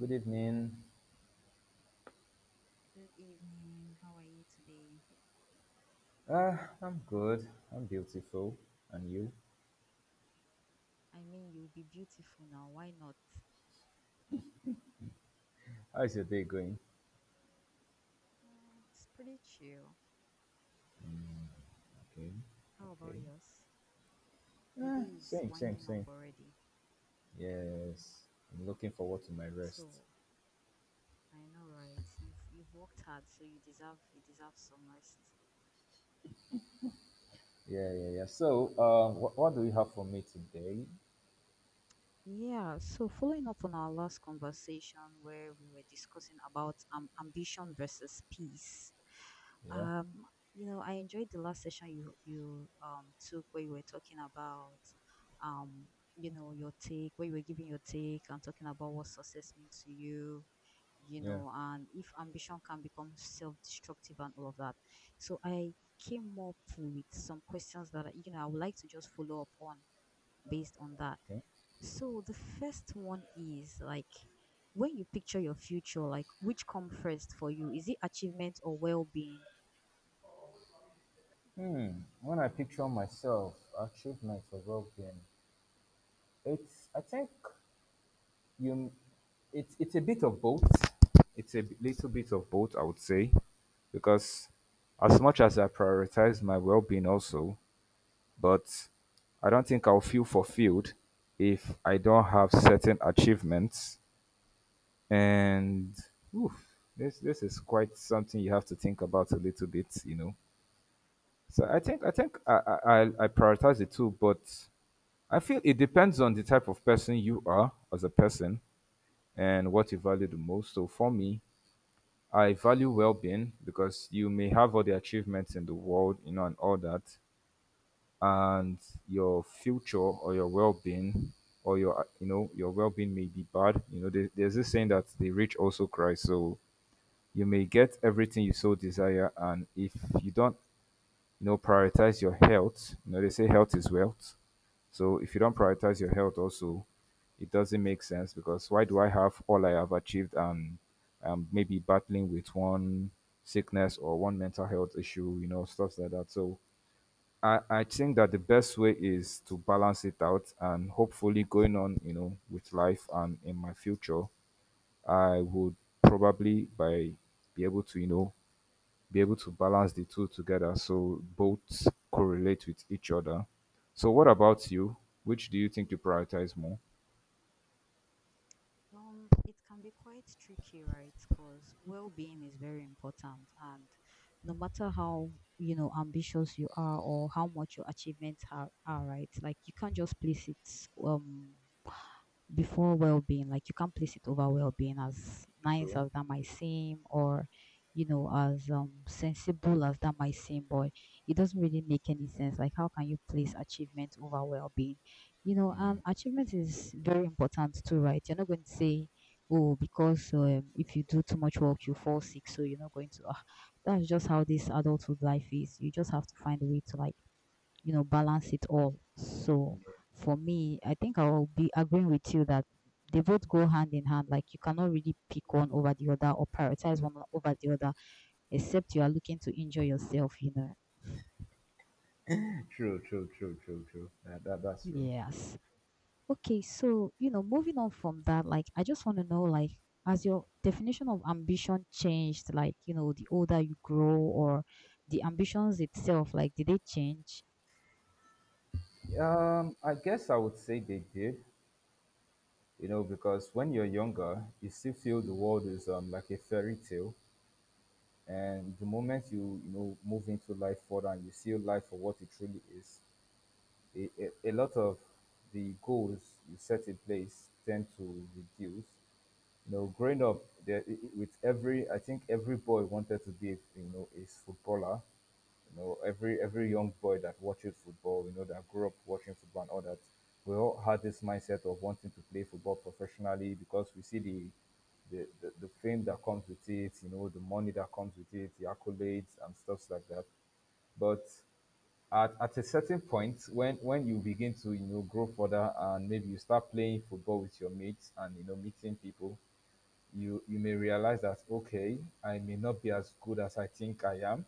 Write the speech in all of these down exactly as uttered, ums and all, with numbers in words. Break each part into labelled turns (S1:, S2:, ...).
S1: Good evening.
S2: Good evening. How are you today?
S1: Uh, I'm good. I'm beautiful. And you?
S2: I mean, you'll be beautiful now. Why not?
S1: How is your day going?
S2: Mm, it's pretty chill.
S1: Okay.
S2: How about
S1: Okay.
S2: yours? The
S1: Uh,
S2: day is
S1: same, same,
S2: winding up
S1: same.
S2: already.
S1: Yes. I'm looking forward to my rest.
S2: So I know, right? You've you've worked hard, so you deserve you deserve some rest.
S1: Yeah, yeah, yeah. So, uh, wh- what do you have for me today?
S2: Yeah, so following up on our last conversation where we were discussing about um, ambition versus peace,
S1: Yeah.
S2: um, you know, I enjoyed the last session you you um took where you were talking about um, you know, your take, where you were giving your take and talking about what success means to you, you
S1: Yeah.
S2: know, and if ambition can become self-destructive and all of that. So I came up with some questions that, I- you know, I would like to just follow up on based on that.
S1: Okay.
S2: So the first one is like when you picture your future, like which come first for you? Is it achievement or well being?
S1: Hmm. When I picture myself, achievement for well-being, it's. I think You, it's it's a bit of both. It's a b- little bit of both, I would say, because as much as I prioritize my well-being also, but I don't think I'll feel fulfilled if I don't have certain achievements. And oof, this this is quite something you have to think about a little bit, you know. So I think I think I I, I I prioritize it too, but I feel it depends on the type of person you are as a person and what you value the most. So for me, I value well-being because you may have all the achievements in the world, you know, and all that, and your future or your well-being or your, uh, you know, your well-being may be bad. You know, there, there's this saying that the rich also cry. So you may get everything you so desire, and if you don't you know, prioritize your health. You know, they say health is wealth. So if you don't prioritize your health also, it doesn't make sense because why do I have all I have achieved and um maybe battling with one sickness or one mental health issue, you know, stuff like that. So I, I think that the best way is to balance it out and hopefully going on, you know, with life and in my future, I would probably by be able to, you know, be able to balance the two together so both correlate with each other. So, what about you? Which do you think you prioritize more?
S2: Um, it can be quite tricky, right? Because well-being is very important, and no matter how you know ambitious you are or how much your achievements are, are right, like you can't just place it um before well-being, like you can't place it over well-being as nice
S1: True.
S2: as that might seem, or you know, as um sensible as that might seem. But it doesn't really make any sense. Like how can you place achievement over well-being? You know, um achievement is very important too, right? You're not going to say, oh, because um, if you do too much work you fall sick, so you're not going to ah, that's just how this adulthood life is. You just have to find a way to, like, you know, balance it all. So for me, I think I'll be agreeing with you that they both go hand in hand. Like you cannot really pick one over the other or prioritize one over the other, except you are looking to enjoy yourself, you know.
S1: True, true, true, true, true. That, that, that's true.
S2: Yes. Okay, so you know, moving on from that, like I just want to know, like, has your definition of ambition changed? Like, you know, the older you grow, or the ambitions itself, like, did they change?
S1: Um, I guess I would say they did, you know, because when you're younger, you still feel the world is um like a fairy tale, and the moment you you know move into life further and you see life for what it truly is, a, a, a lot of the goals you set in place tend to reduce, you know, growing up there i- i- with every, I think every boy wanted to be, you know, a footballer. You know, every every young boy that watches football, you know, that grew up watching football and all that, we all had this mindset of wanting to play football professionally because we see the the, the, the fame that comes with it, you know, the money that comes with it, the accolades and stuff like that. But at, at a certain point when when you begin to you know grow further and maybe you start playing football with your mates and you know meeting people you you may realize that okay I may not be as good as I think I am,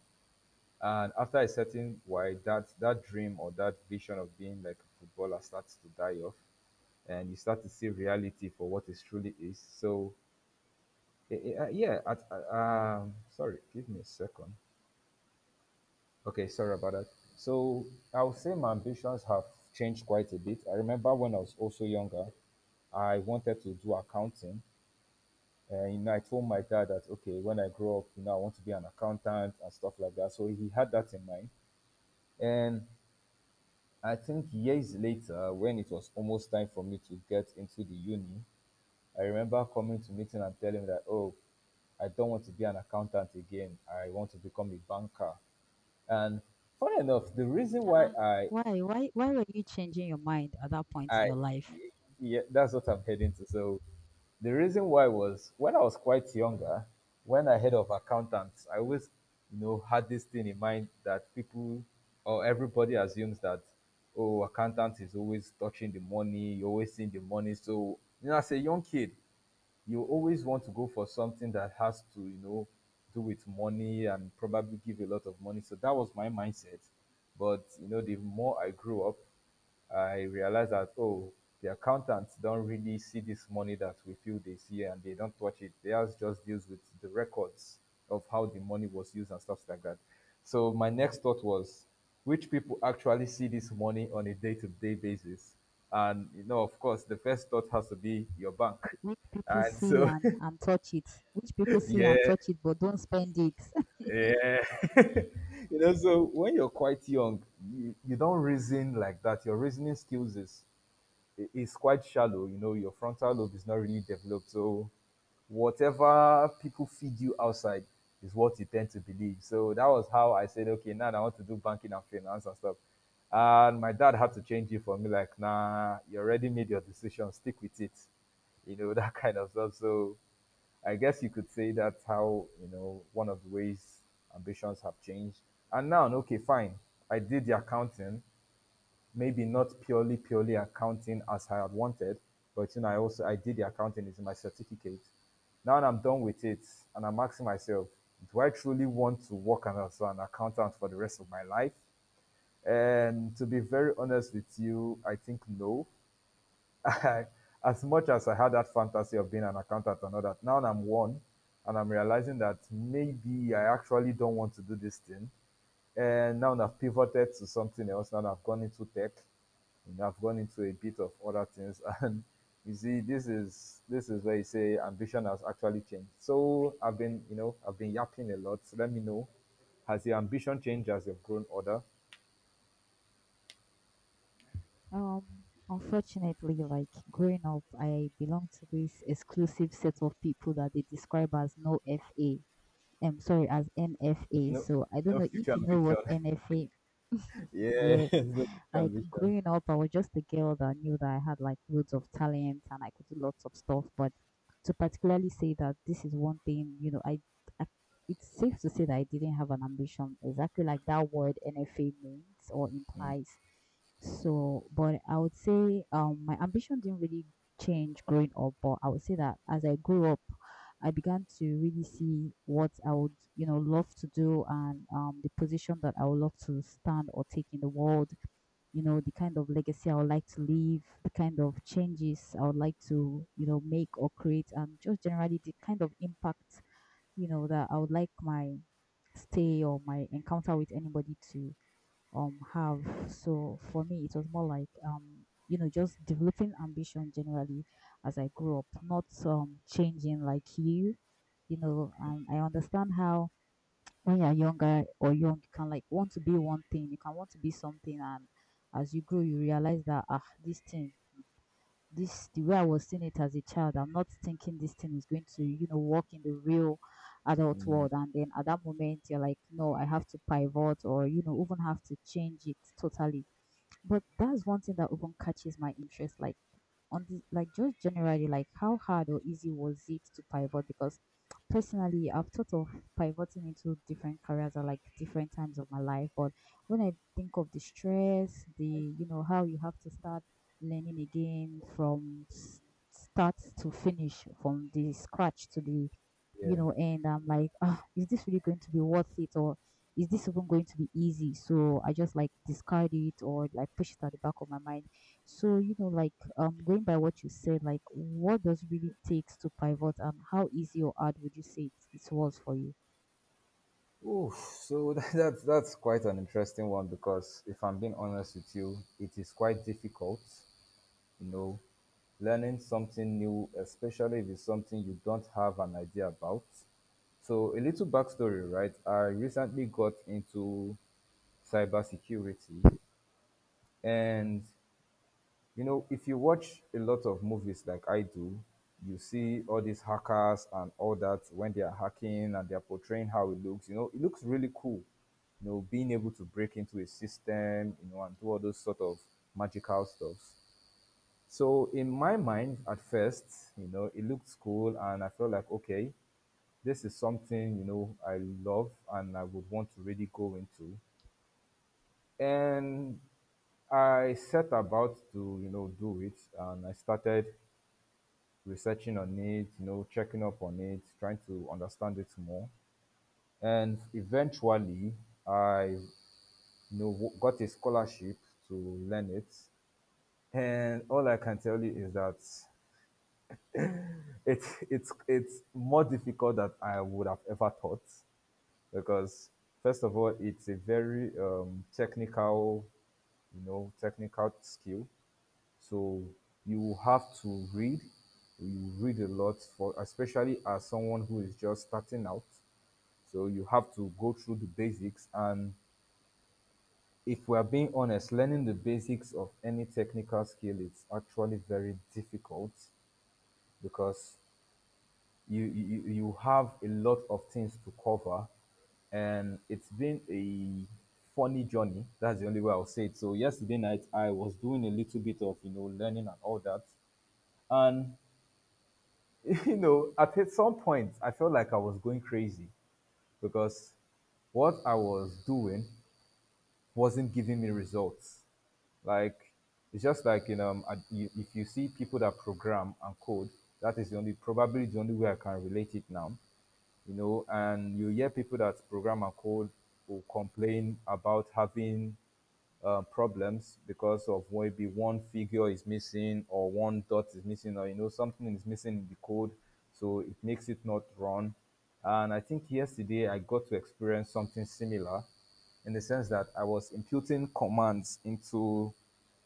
S1: and after a certain while that that dream or that vision of being like a footballer starts to die off, and you start to see reality for what it truly is. So eh, eh, uh, yeah at, uh, um sorry, give me a second. Okay, sorry about that. So I would say my ambitions have changed quite a bit. I remember when I was also younger, I wanted to do accounting. And you know, I told my dad that okay, when I grow up, you know, I want to be an accountant and stuff like that. So he had that in mind, and I think years later, when it was almost time for me to get into the uni, I remember coming to meeting and telling him that oh, I don't want to be an accountant again. I want to become a banker. And funny enough, the reason why
S2: Uh-uh.
S1: I
S2: Why, why, why were you changing your mind at that point
S1: I
S2: in your life?
S1: yeah, that's what I'm heading to. So the reason why was when I was quite younger, when I heard of accountants, I always you know had this thing in mind that people or everybody assumes that oh, accountant is always touching the money, you always seeing the money. So you know, as a young kid, you always want to go for something that has to you know do with money and probably give a lot of money. So that was my mindset. But you know, the more I grew up, I realized that, oh, the accountants don't really see this money that we feel they see and they don't touch it. Theirs just deals with the records of how the money was used and stuff like that. So my next thought was, which people actually see this money on a day-to-day basis? And you know, of course, the first thought has to be your bank.
S2: Which people
S1: And
S2: see
S1: so,
S2: and and touch it. Which people see
S1: yeah,
S2: and touch it but don't spend it.
S1: yeah. You know, so when you're quite young, you, you don't reason like that. Your reasoning skills is it's quite shallow. You know, your frontal lobe is not really developed. So whatever people feed you outside is what you tend to believe. So that was how I said, okay, now I want to do banking and finance and stuff. And my dad had to change it for me, like, nah, you already made your decision, stick with it. You know, that kind of stuff. So I guess you could say that's how, you know, one of the ways ambitions have changed. And now, okay, fine. I did the accounting, maybe not purely purely accounting as I had wanted, but you know, I also I did the accounting. It's in my certificate. Now that I'm done with it, and I'm asking myself, do I truly want to work as an accountant for the rest of my life? And to be very honest with you, I think no. I, as much as I had that fantasy of being an accountant and all that, now I'm one and I'm realizing that maybe I actually don't want to do this thing. And now I've pivoted to something else. Now I've gone into tech and I've gone into a bit of other things. And you see, this is this is where you say ambition has actually changed. So I've been, you know, I've been yapping a lot. So let me know, has your ambition changed as you've grown older?
S2: Um, Unfortunately, like growing up, I belong to this exclusive set of people that they describe as no F A. I'm sorry, as N F A.
S1: No,
S2: So I don't
S1: no
S2: know
S1: future
S2: if you know
S1: ambition.
S2: what N F A.
S1: Yeah,
S2: Yes,
S1: no future
S2: like
S1: ambition.
S2: growing up, I was just a girl that knew that I had like loads of talent and I could do lots of stuff. But to particularly say that this is one thing, you know, I, I it's safe to say that I didn't have an ambition, exactly like that word N F A means or implies. So, but I would say um my ambition didn't really change growing up, but I would say that as I grew up, I began to really see what I would, you know, love to do, and um, the position that I would love to stand or take in the world, you know, the kind of legacy I would like to leave, the kind of changes I would like to, you know, make or create, and just generally the kind of impact, you know, that I would like my stay or my encounter with anybody to um have. So for me it was more like, um you know, just developing ambition generally as I grew up, not um changing. Like you you know, um, I understand how when you're younger or young, you can like want to be one thing, you can want to be something, and as you grow, you realize that, ah, this thing, this the way I was seeing it as a child, I'm not thinking this thing is going to, you know, work in the real adult
S1: Mm.
S2: world. And then at that moment, you're like, no, I have to pivot, or you know, even have to change it totally. But that's one thing that even catches my interest, like on the, like just generally like how hard or easy was it to pivot. Because personally I've thought of pivoting into different careers at like different times of my life. But when I think of the stress, the you know, how you have to start learning again from s- start to finish, from the scratch to the you
S1: Yeah.
S2: know, and I'm like, ah, is this really going to be worth it, or is this even going to be easy? So I just like discard it or like push it at the back of my mind. So, you know, like um going by what you said, like what does really takes to pivot, and how easy or hard would you say it, it was for you?
S1: Oof. So that, that's that's quite an interesting one because if I'm being honest with you, it is quite difficult, you know, learning something new, especially if it's something you don't have an idea about. So a little backstory, right? I recently got into cybersecurity and you know, if you watch a lot of movies like I do, you see all these hackers and all that when they are hacking and they are portraying how it looks. You know, it looks really cool. You know, being able to break into a system, you know, and do all those sort of magical stuff. So in my mind, at first, you know, it looked cool, and I felt like, okay, this is something you know I love and I would want to really go into. And I set about to you know do it, and I started researching on it, you know, checking up on it, trying to understand it more. And eventually, I you know w- got a scholarship to learn it. And all I can tell you is that it's it's it's more difficult than I would have ever thought because first of all, it's a very um, technical, you know, technical skill. So you have to read. You read a lot for, especially as someone who is just starting out. So you have to go through the basics. And if we are being honest, learning the basics of any technical skill is actually very difficult because you you, you have a lot of things to cover, and it's been a funny journey. That's the only way I'll say it. So yesterday night I was doing a little bit of you know learning and all that, and you know, at some point, I felt like I was going crazy because what I was doing wasn't giving me results. Like, it's just like, you know, I- you- if you see people that program and code, that is the only, probably the only way I can relate it now, you know, and you hear people that program and code will complain about having uh, problems because of maybe one figure is missing or one dot is missing or you know something is missing in the code, so it makes it not run. And I think yesterday I got to experience something similar in the sense that I was imputing commands into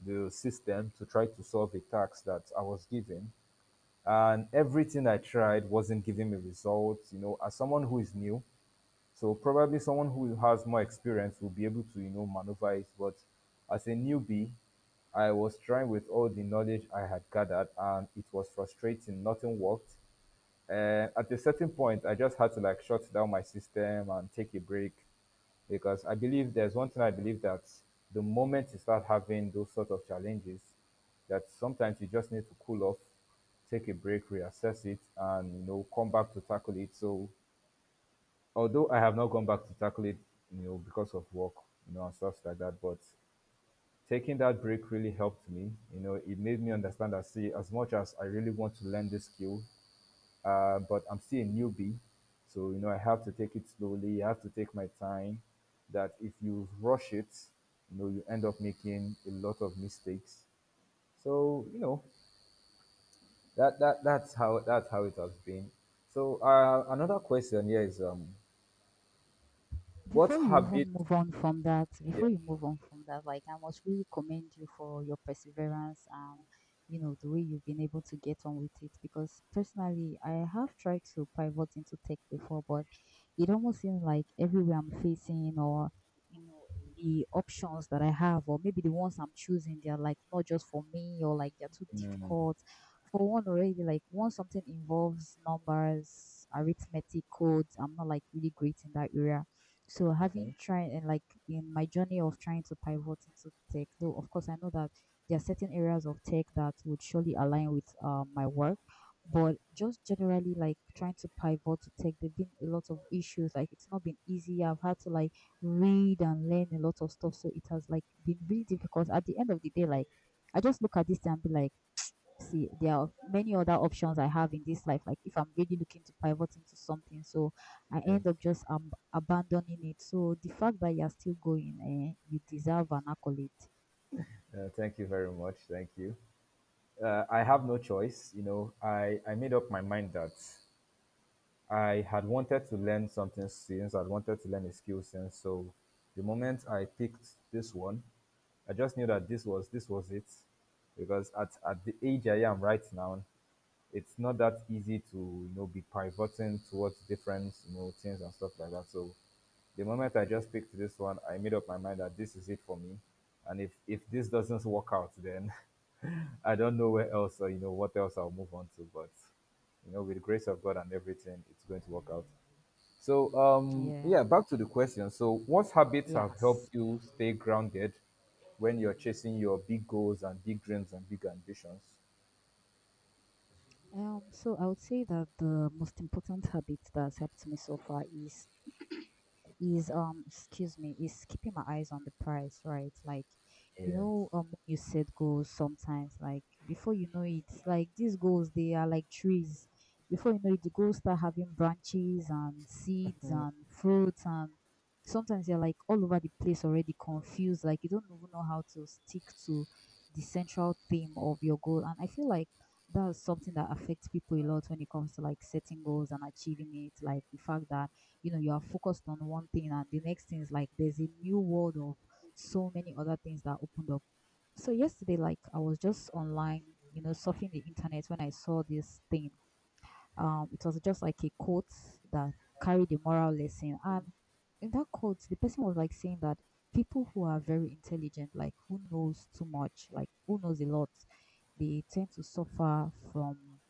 S1: the system to try to solve a task that I was given, and everything I tried wasn't giving me results. You know, as someone who is new, so probably someone who has more experience will be able to, you know, maneuver it. But as a newbie, I was trying with all the knowledge I had gathered, and it was frustrating. Nothing worked. And at a certain point, I just had to like shut down my system and take a break because I believe there's one thing I believe that the moment you start having those sort of challenges, that sometimes you just need to cool off, take a break, reassess it, and you know come back to tackle it. So although I have not gone back to tackle it, you know, because of work, you know, and stuff like that. But taking that break really helped me. You know, it made me understand that see, as much as I really want to learn this skill, uh, but I'm still a newbie, so you know, I have to take it slowly. I have to take my time. That if you rush it, you know, you end up making a lot of mistakes. So you know, that that that's how that's how it has been. So uh, another question here is um, what
S2: Before you
S1: habit?
S2: even move on from that,
S1: Yeah.
S2: before you move on from that, like I must really commend you for your perseverance and you know the way you've been able to get on with it. Because personally, I have tried to pivot into tech before, but it almost seems like everywhere I'm facing, or you know, the options that I have, or maybe the ones I'm choosing, they're like not just for me, or like they're too
S1: Mm,
S2: difficult. For one already, like once something involves numbers, arithmetic codes, I'm not like really great in that area. So having
S1: okay.
S2: tried, and like in my journey of trying to pivot into tech, though of course I know that there are certain areas of tech that would surely align with uh, my work, but just generally like trying to pivot to tech, there've been a lot of issues. Like it's not been easy. I've had to like read and learn a lot of stuff, so it has like been really difficult. At the end of the day, like I just look at this thing and be like, see, there are many other options I have in this life. Like if I'm really looking to pivot into something, so I
S1: Yes.
S2: end up just um, abandoning it. So the fact that you're still going, eh, you deserve an accolade.
S1: Uh, thank you very much. Thank you. Uh, I have no choice. You know, I, I made up my mind that I had wanted to learn something since I'd wanted to learn a skill since. So the moment I picked this one, I just knew that this was this was it, because at at the age I am right now, it's not that easy to you know be pivoting towards different you know things and stuff like that. So the moment I just picked this one, I made up my mind that this is it for me, and if if this doesn't work out, then I don't know where else uh, you know what else I'll move on to, but you know with the grace of God and everything, it's going to work out. So, um,
S2: Yeah.
S1: yeah, back to the question. So, what habits have helped
S2: Yes.
S1: you stay grounded when you're chasing your big goals and big dreams and big ambitions?
S2: Um, so I would say that the most important habit that's helped me so far is is um excuse me, is keeping my eyes on the price, right? Like you
S1: Yeah.
S2: know, um when you set goals sometimes, like before you know it, like these goals, they are like trees. Before you know it, the goals start having branches and seeds and fruits, and sometimes you're like all over the place already, confused, like you don't even know how to stick to the central theme of your goal. And I feel like that's something that affects people a lot when it comes to like setting goals and achieving it. Like the fact that you know, you are focused on one thing, and the next thing is like there's a new world of so many other things that opened up. So yesterday, like I was just online, you know, surfing the internet when I saw this thing. Um it was just like a quote that carried a moral lesson, and in that quote the person was like saying that people who are very intelligent, like who knows too much, like who knows a lot, they tend to suffer from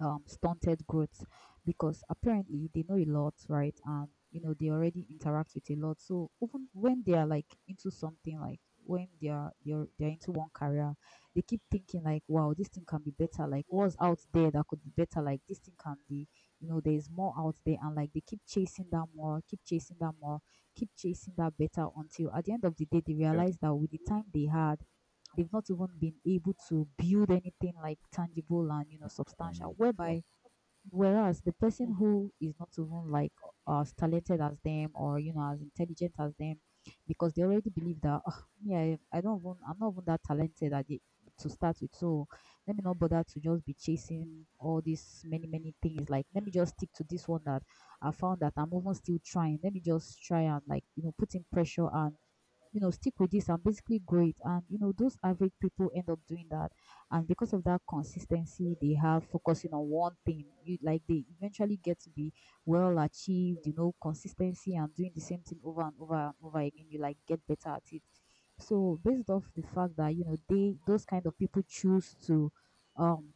S2: um, stunted growth, because apparently they know a lot, right? And you know they already interact with a lot. So even when they are like into something, like when they are they're they're into one career, they keep thinking like, wow, this thing can be better. Like what's out there that could be better? Like this thing can be, you know, there is more out there, and like they keep chasing that more, keep chasing that more, keep chasing that better until at the end of the day they
S1: Yeah,
S2: realize that with the time they had they've not even been able to build anything like tangible and you know substantial
S1: mm, sure.
S2: whereby whereas the person who is not even like as talented as them or you know as intelligent as them because they already believe that oh, yeah I, don't even I'm not even that talented at it to start with. So let me not bother to just be chasing all these many many things. Like let me just stick to this one that I found that I'm even still trying. Let me just try and like you know putting pressure and you know stick with this and basically grow it, and you know those average people end up doing that. And because of that consistency they have focusing on one thing, you like they eventually get to be well achieved, you know consistency and doing the same thing over and over and over again, you like get better at it. So based off the fact that you know they those kind of people choose to um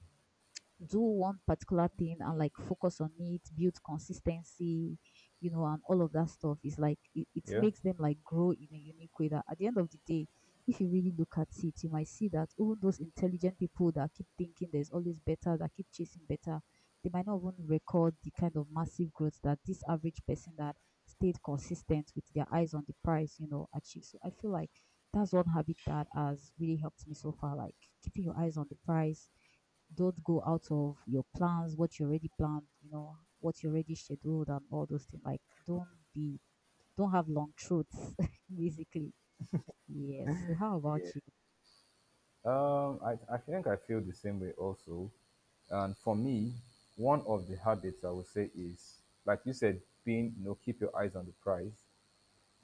S2: do one particular thing and like focus on it, build consistency, you know, and all of that stuff is like it, it
S1: Yeah.
S2: makes them like grow in a unique way that at the end of the day, if you really look at it, you might see that even those intelligent people that keep thinking there's always better, that keep chasing better, they might not even record the kind of massive growth that this average person that stayed consistent with their eyes on the prize, you know, achieved. So I feel like that's one habit that has really helped me so far, like keeping your eyes on the prize, don't go out of your plans, what you already planned, you know, what you already scheduled and all those things. Like don't be, don't have long truths basically. Yes. So how about
S1: Yeah.
S2: you?
S1: Um, I, I think I feel the same way also. And for me, one of the habits I would say is, like you said, being, you know, keep your eyes on the prize.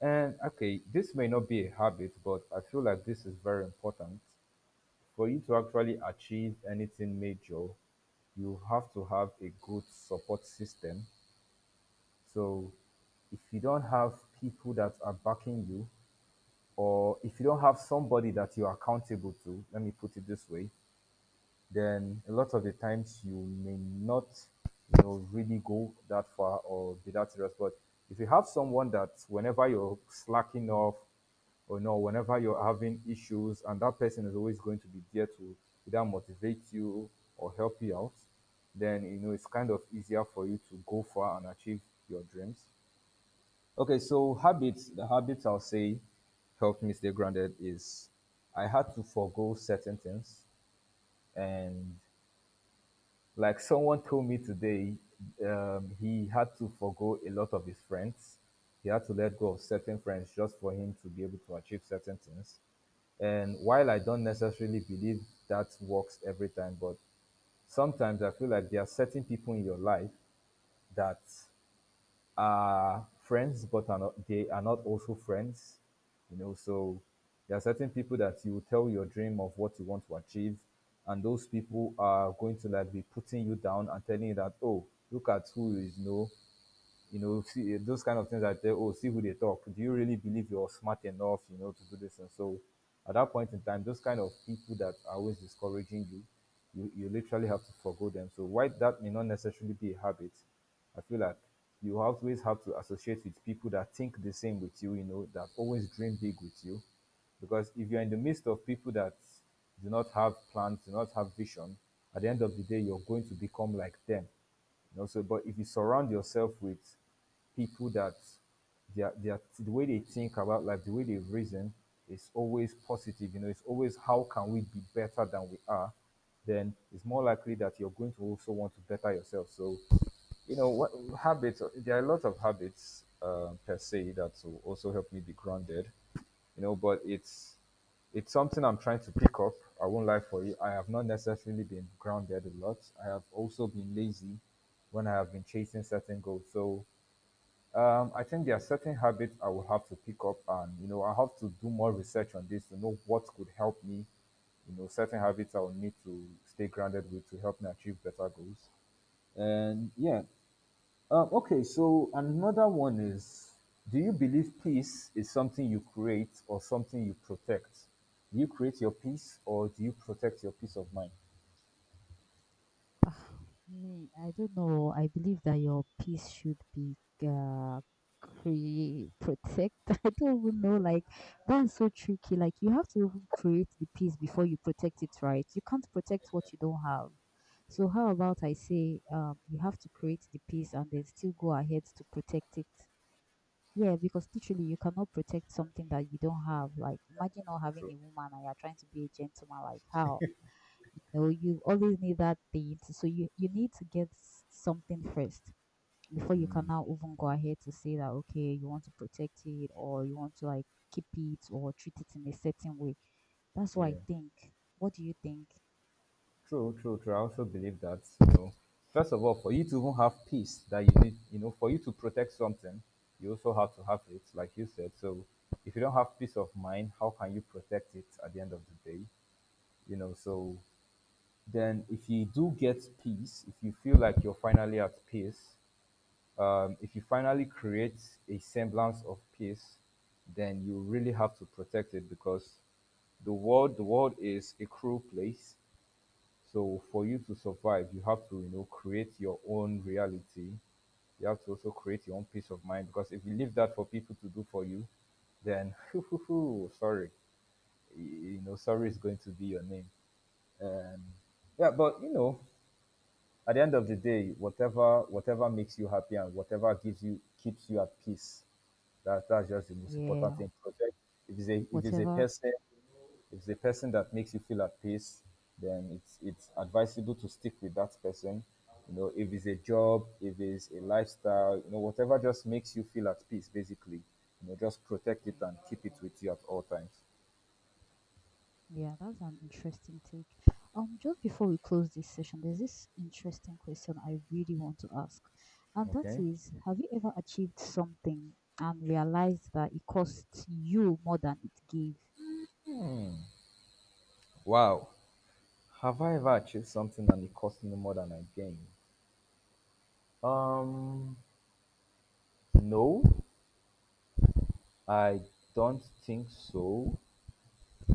S1: And okay, this may not be a habit, but I feel like this is very important for you to actually achieve anything major. You have to have a good support system. So if you don't have people that are backing you, or if you don't have somebody that you're accountable to, let me put it this way, then a lot of the times you may not you know really go that far or be that serious, but if you have someone that whenever you're slacking off or no whenever you're having issues and that person is always going to be there to either motivate you or help you out, then you know it's kind of easier for you to go far and achieve your dreams. Okay, so habits, the habits I'll say helped me stay grounded is I had to forego certain things. And like someone told me today, um, he had to forgo a lot of his friends. He had to let go of certain friends just for him to be able to achieve certain things. And while I don't necessarily believe that works every time, but sometimes I feel like there are certain people in your life that are friends, but are not, they are not also friends. You know, so there are certain people that you tell your dream of what you want to achieve, and those people are going to like be putting you down and telling you that, oh, look at who is no you know, see, eh, those kind of things that say, oh, see who they talk. Do you really believe you're smart enough, you know, to do this? And so at that point in time, those kind of people that are always discouraging you, you, you literally have to forego them. So why that may not necessarily be a habit, I feel like you always have to associate with people that think the same with you, you know, that always dream big with you. Because if you're in the midst of people that do not have plans, do not have vision, at the end of the day, you're going to become like them, you know. So but if you surround yourself with people that their their the way they think about life, the way they reason is always positive. You know, it's always how can we be better than we are. Then it's more likely that you're going to also want to better yourself. So, you know, what habits? There are a lot of habits uh, per se that will also help me be grounded. You know, but it's it's something I'm trying to pick up. I won't lie for you. I have not necessarily been grounded a lot. I have also been lazy when I have been chasing certain goals. So um, I think there are certain habits I will have to pick up, and you know, I have to do more research on this to know what could help me. You know, certain habits I will need to stay grounded with to help me achieve better goals. And yeah, um, okay, so another one is, do you believe peace is something you create or something you protect? Do you create your peace or do you protect your peace of mind?
S2: Ah, me, I don't know. I believe that your peace should be uh, create, protect. I don't even know. Like that's so tricky. Like you have to even create the peace before you protect it, right? You can't protect what you don't have. So how about I say, um, you have to create the peace and then still go ahead to protect it. Yeah, because literally you cannot protect something that you don't have. Like imagine not having
S1: True.
S2: a woman and you're trying to be a gentleman. Like how? You know, you always need that date. So you, you need to get s- something first before you can now even go ahead to say that, okay, you want to protect it or you want to like keep it or treat it in a certain way. That's what I
S1: Yeah,
S2: think. What do you think?
S1: true, true, true. I also believe that. You know, first of all, for you to even have peace that you need, you know, for you to protect something, you also have to have it, like you said. So, if you don't have peace of mind, how can you protect it at the end of the day? You know, so then if you do get peace, if you feel like you're finally at peace, um, if you finally create a semblance of peace, then you really have to protect it because the world the world is a cruel place. So for you to survive, you have to you know create your own reality. You have to also create your own peace of mind because if you leave that for people to do for you, then sorry, you know, sorry is going to be your name. Um, yeah, but you know, at the end of the day, whatever whatever makes you happy and whatever gives you keeps you at peace. That that's just the most important
S2: Yeah,
S1: thing. Project, if it's a if it's a
S2: whatever.
S1: person if it's a person that makes you feel at peace, then it's it's advisable to stick with that person. You know, if it's a job, if it's a lifestyle, you know, whatever just makes you feel at peace, basically. You know, just protect it and keep it with you at all times.
S2: Yeah, that's an interesting take. Um, just before we close this session, there's this interesting question I really want to ask, and that
S1: Okay.
S2: is, have you ever achieved something and realized that it cost you more than it gave?
S1: Wow. Have I ever achieved something and it cost me more than I gained? Um, No, I don't think so.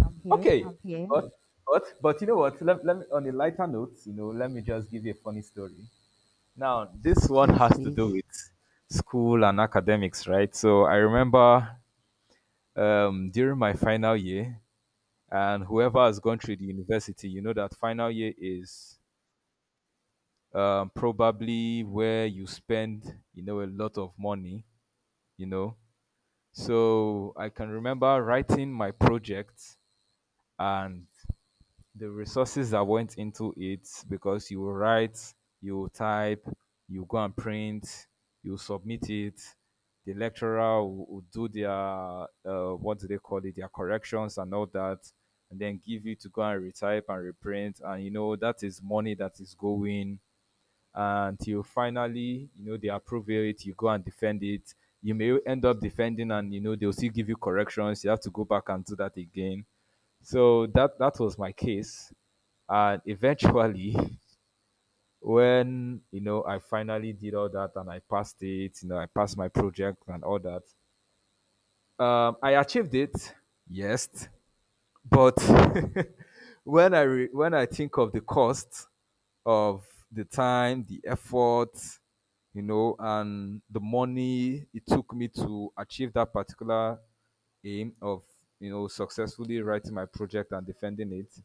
S2: I'm here.
S1: Okay,
S2: I'm here.
S1: but but but you know what? Let, let me on a lighter note, you know, let me just give you a funny story. Now, this one
S2: Yes,
S1: has to do
S2: please.
S1: with school and academics, right? So I remember um, during my final year, and whoever has gone through the university, you know that final year is um, probably where you spend, you know, a lot of money, you know. So I can remember writing my project and the resources that went into it because you will write, you will type, you go and print, you submit it. The lecturer will, will do their uh, what do they call it, their corrections and all that, and then give you to go and retype and reprint. And you know that is money that is going until finally, you know, they approve it, you go and defend it. You may end up defending and you know they'll still give you corrections. You have to go back and do that again. So that that was my case. And eventually when you know I finally did all that and I passed it, you know, I passed my project and all that. Um I achieved it. Yes. But when I re- when I think of the cost of the time, the effort, you know, and the money it took me to achieve that particular aim of you know successfully writing my project and defending it,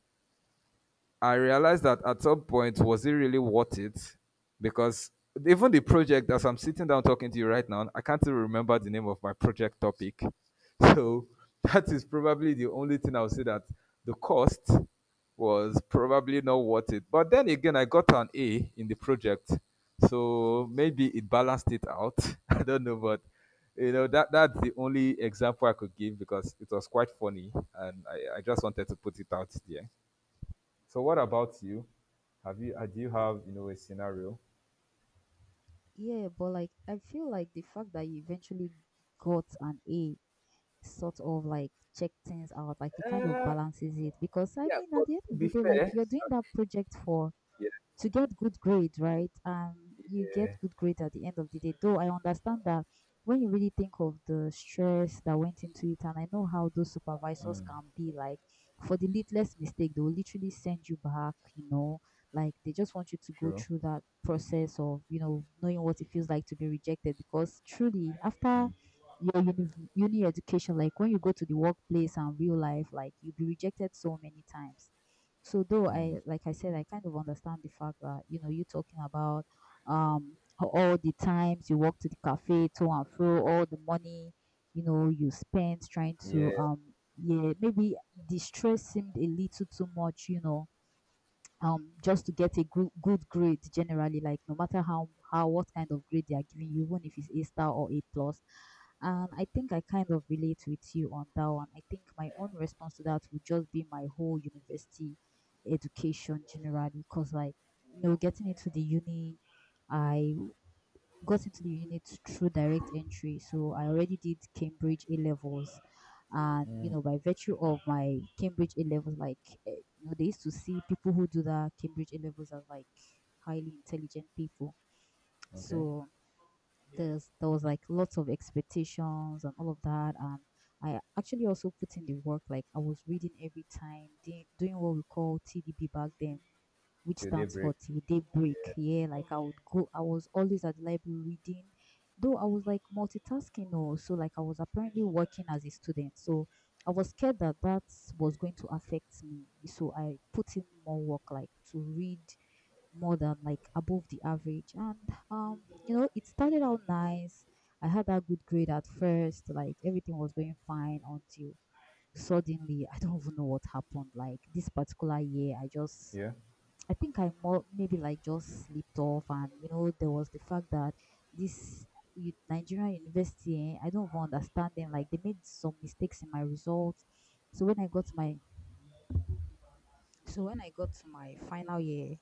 S1: I realized that at some point, was it really worth it? Because even the project, as I'm sitting down talking to you right now, I can't even remember the name of my project topic. So that is probably the only thing I would say that the cost was probably not worth it. But then again, I got an A in the project, so maybe it balanced it out. I don't know, but you know that that's the only example I could give because it was quite funny, and I, I just wanted to put it out there. So what about you? Have you uh, do you have you know a scenario?
S2: Yeah, but like I feel like the fact that you eventually got an A sort of like check things out, like it kind of
S1: Uh,
S2: balances it because I
S1: yeah,
S2: mean
S1: but
S2: at the end
S1: to
S2: of
S1: be
S2: the day, like
S1: fair,
S2: you're doing that project for
S1: yeah,
S2: to get good grade, right? Um, you get good grade at the end of the day. Though I understand that when you really think of the stress that went into it, and I know how those supervisors
S1: mm,
S2: can be like, for the littlest mistake, they will literally send you back, you know, like they just want you to go
S1: true,
S2: through that process of, you know, knowing what it feels like to be rejected because truly, after your uni, uni education, like when you go to the workplace and real life, like you'll be rejected so many times. So though
S1: mm,
S2: I, like I said, I kind of understand the fact that you know you talking about um ho- all the times you walk to the cafe to and fro, all the money you know you spent trying
S1: yeah,
S2: to um yeah, maybe the stress seemed a little too much, you know um just to get a good good grade generally, like no matter how how what kind of grade they are giving you, even if it's a star or a plus. And I think I kind of relate with you on that one. I think my own response to that would just be my whole university education generally, because like you know getting into the uni, I got into the unit through direct entry. So I already did Cambridge A levels, and you know, by virtue of my Cambridge A levels, like eh, you know, they used to see people who do that Cambridge A levels as like highly intelligent people.
S1: okay,
S2: So yeah. There's there was like lots of expectations and all of that, and I actually also put in the work. Like I was reading every time, doing, doing what we call T D B back then, which
S1: till
S2: stands for
S1: daybreak,
S2: till daybreak. Yeah, like I would go, I was always at the library reading, though I was like multitasking. Oh, so like I was apparently working as a student. So I was scared that that was going to affect me. So I put in more work, like to read more than like above the average. And um, you know, it started out nice. I had that good grade at first, like everything was going fine until suddenly I don't even know what happened. Like this particular year, I just,
S1: yeah.
S2: I think I more maybe like just slipped off, and you know there was the fact that this u- Nigerian university, eh, I don't even understand them. Like they made some mistakes in my results. So when I got my, so when I got to my final year,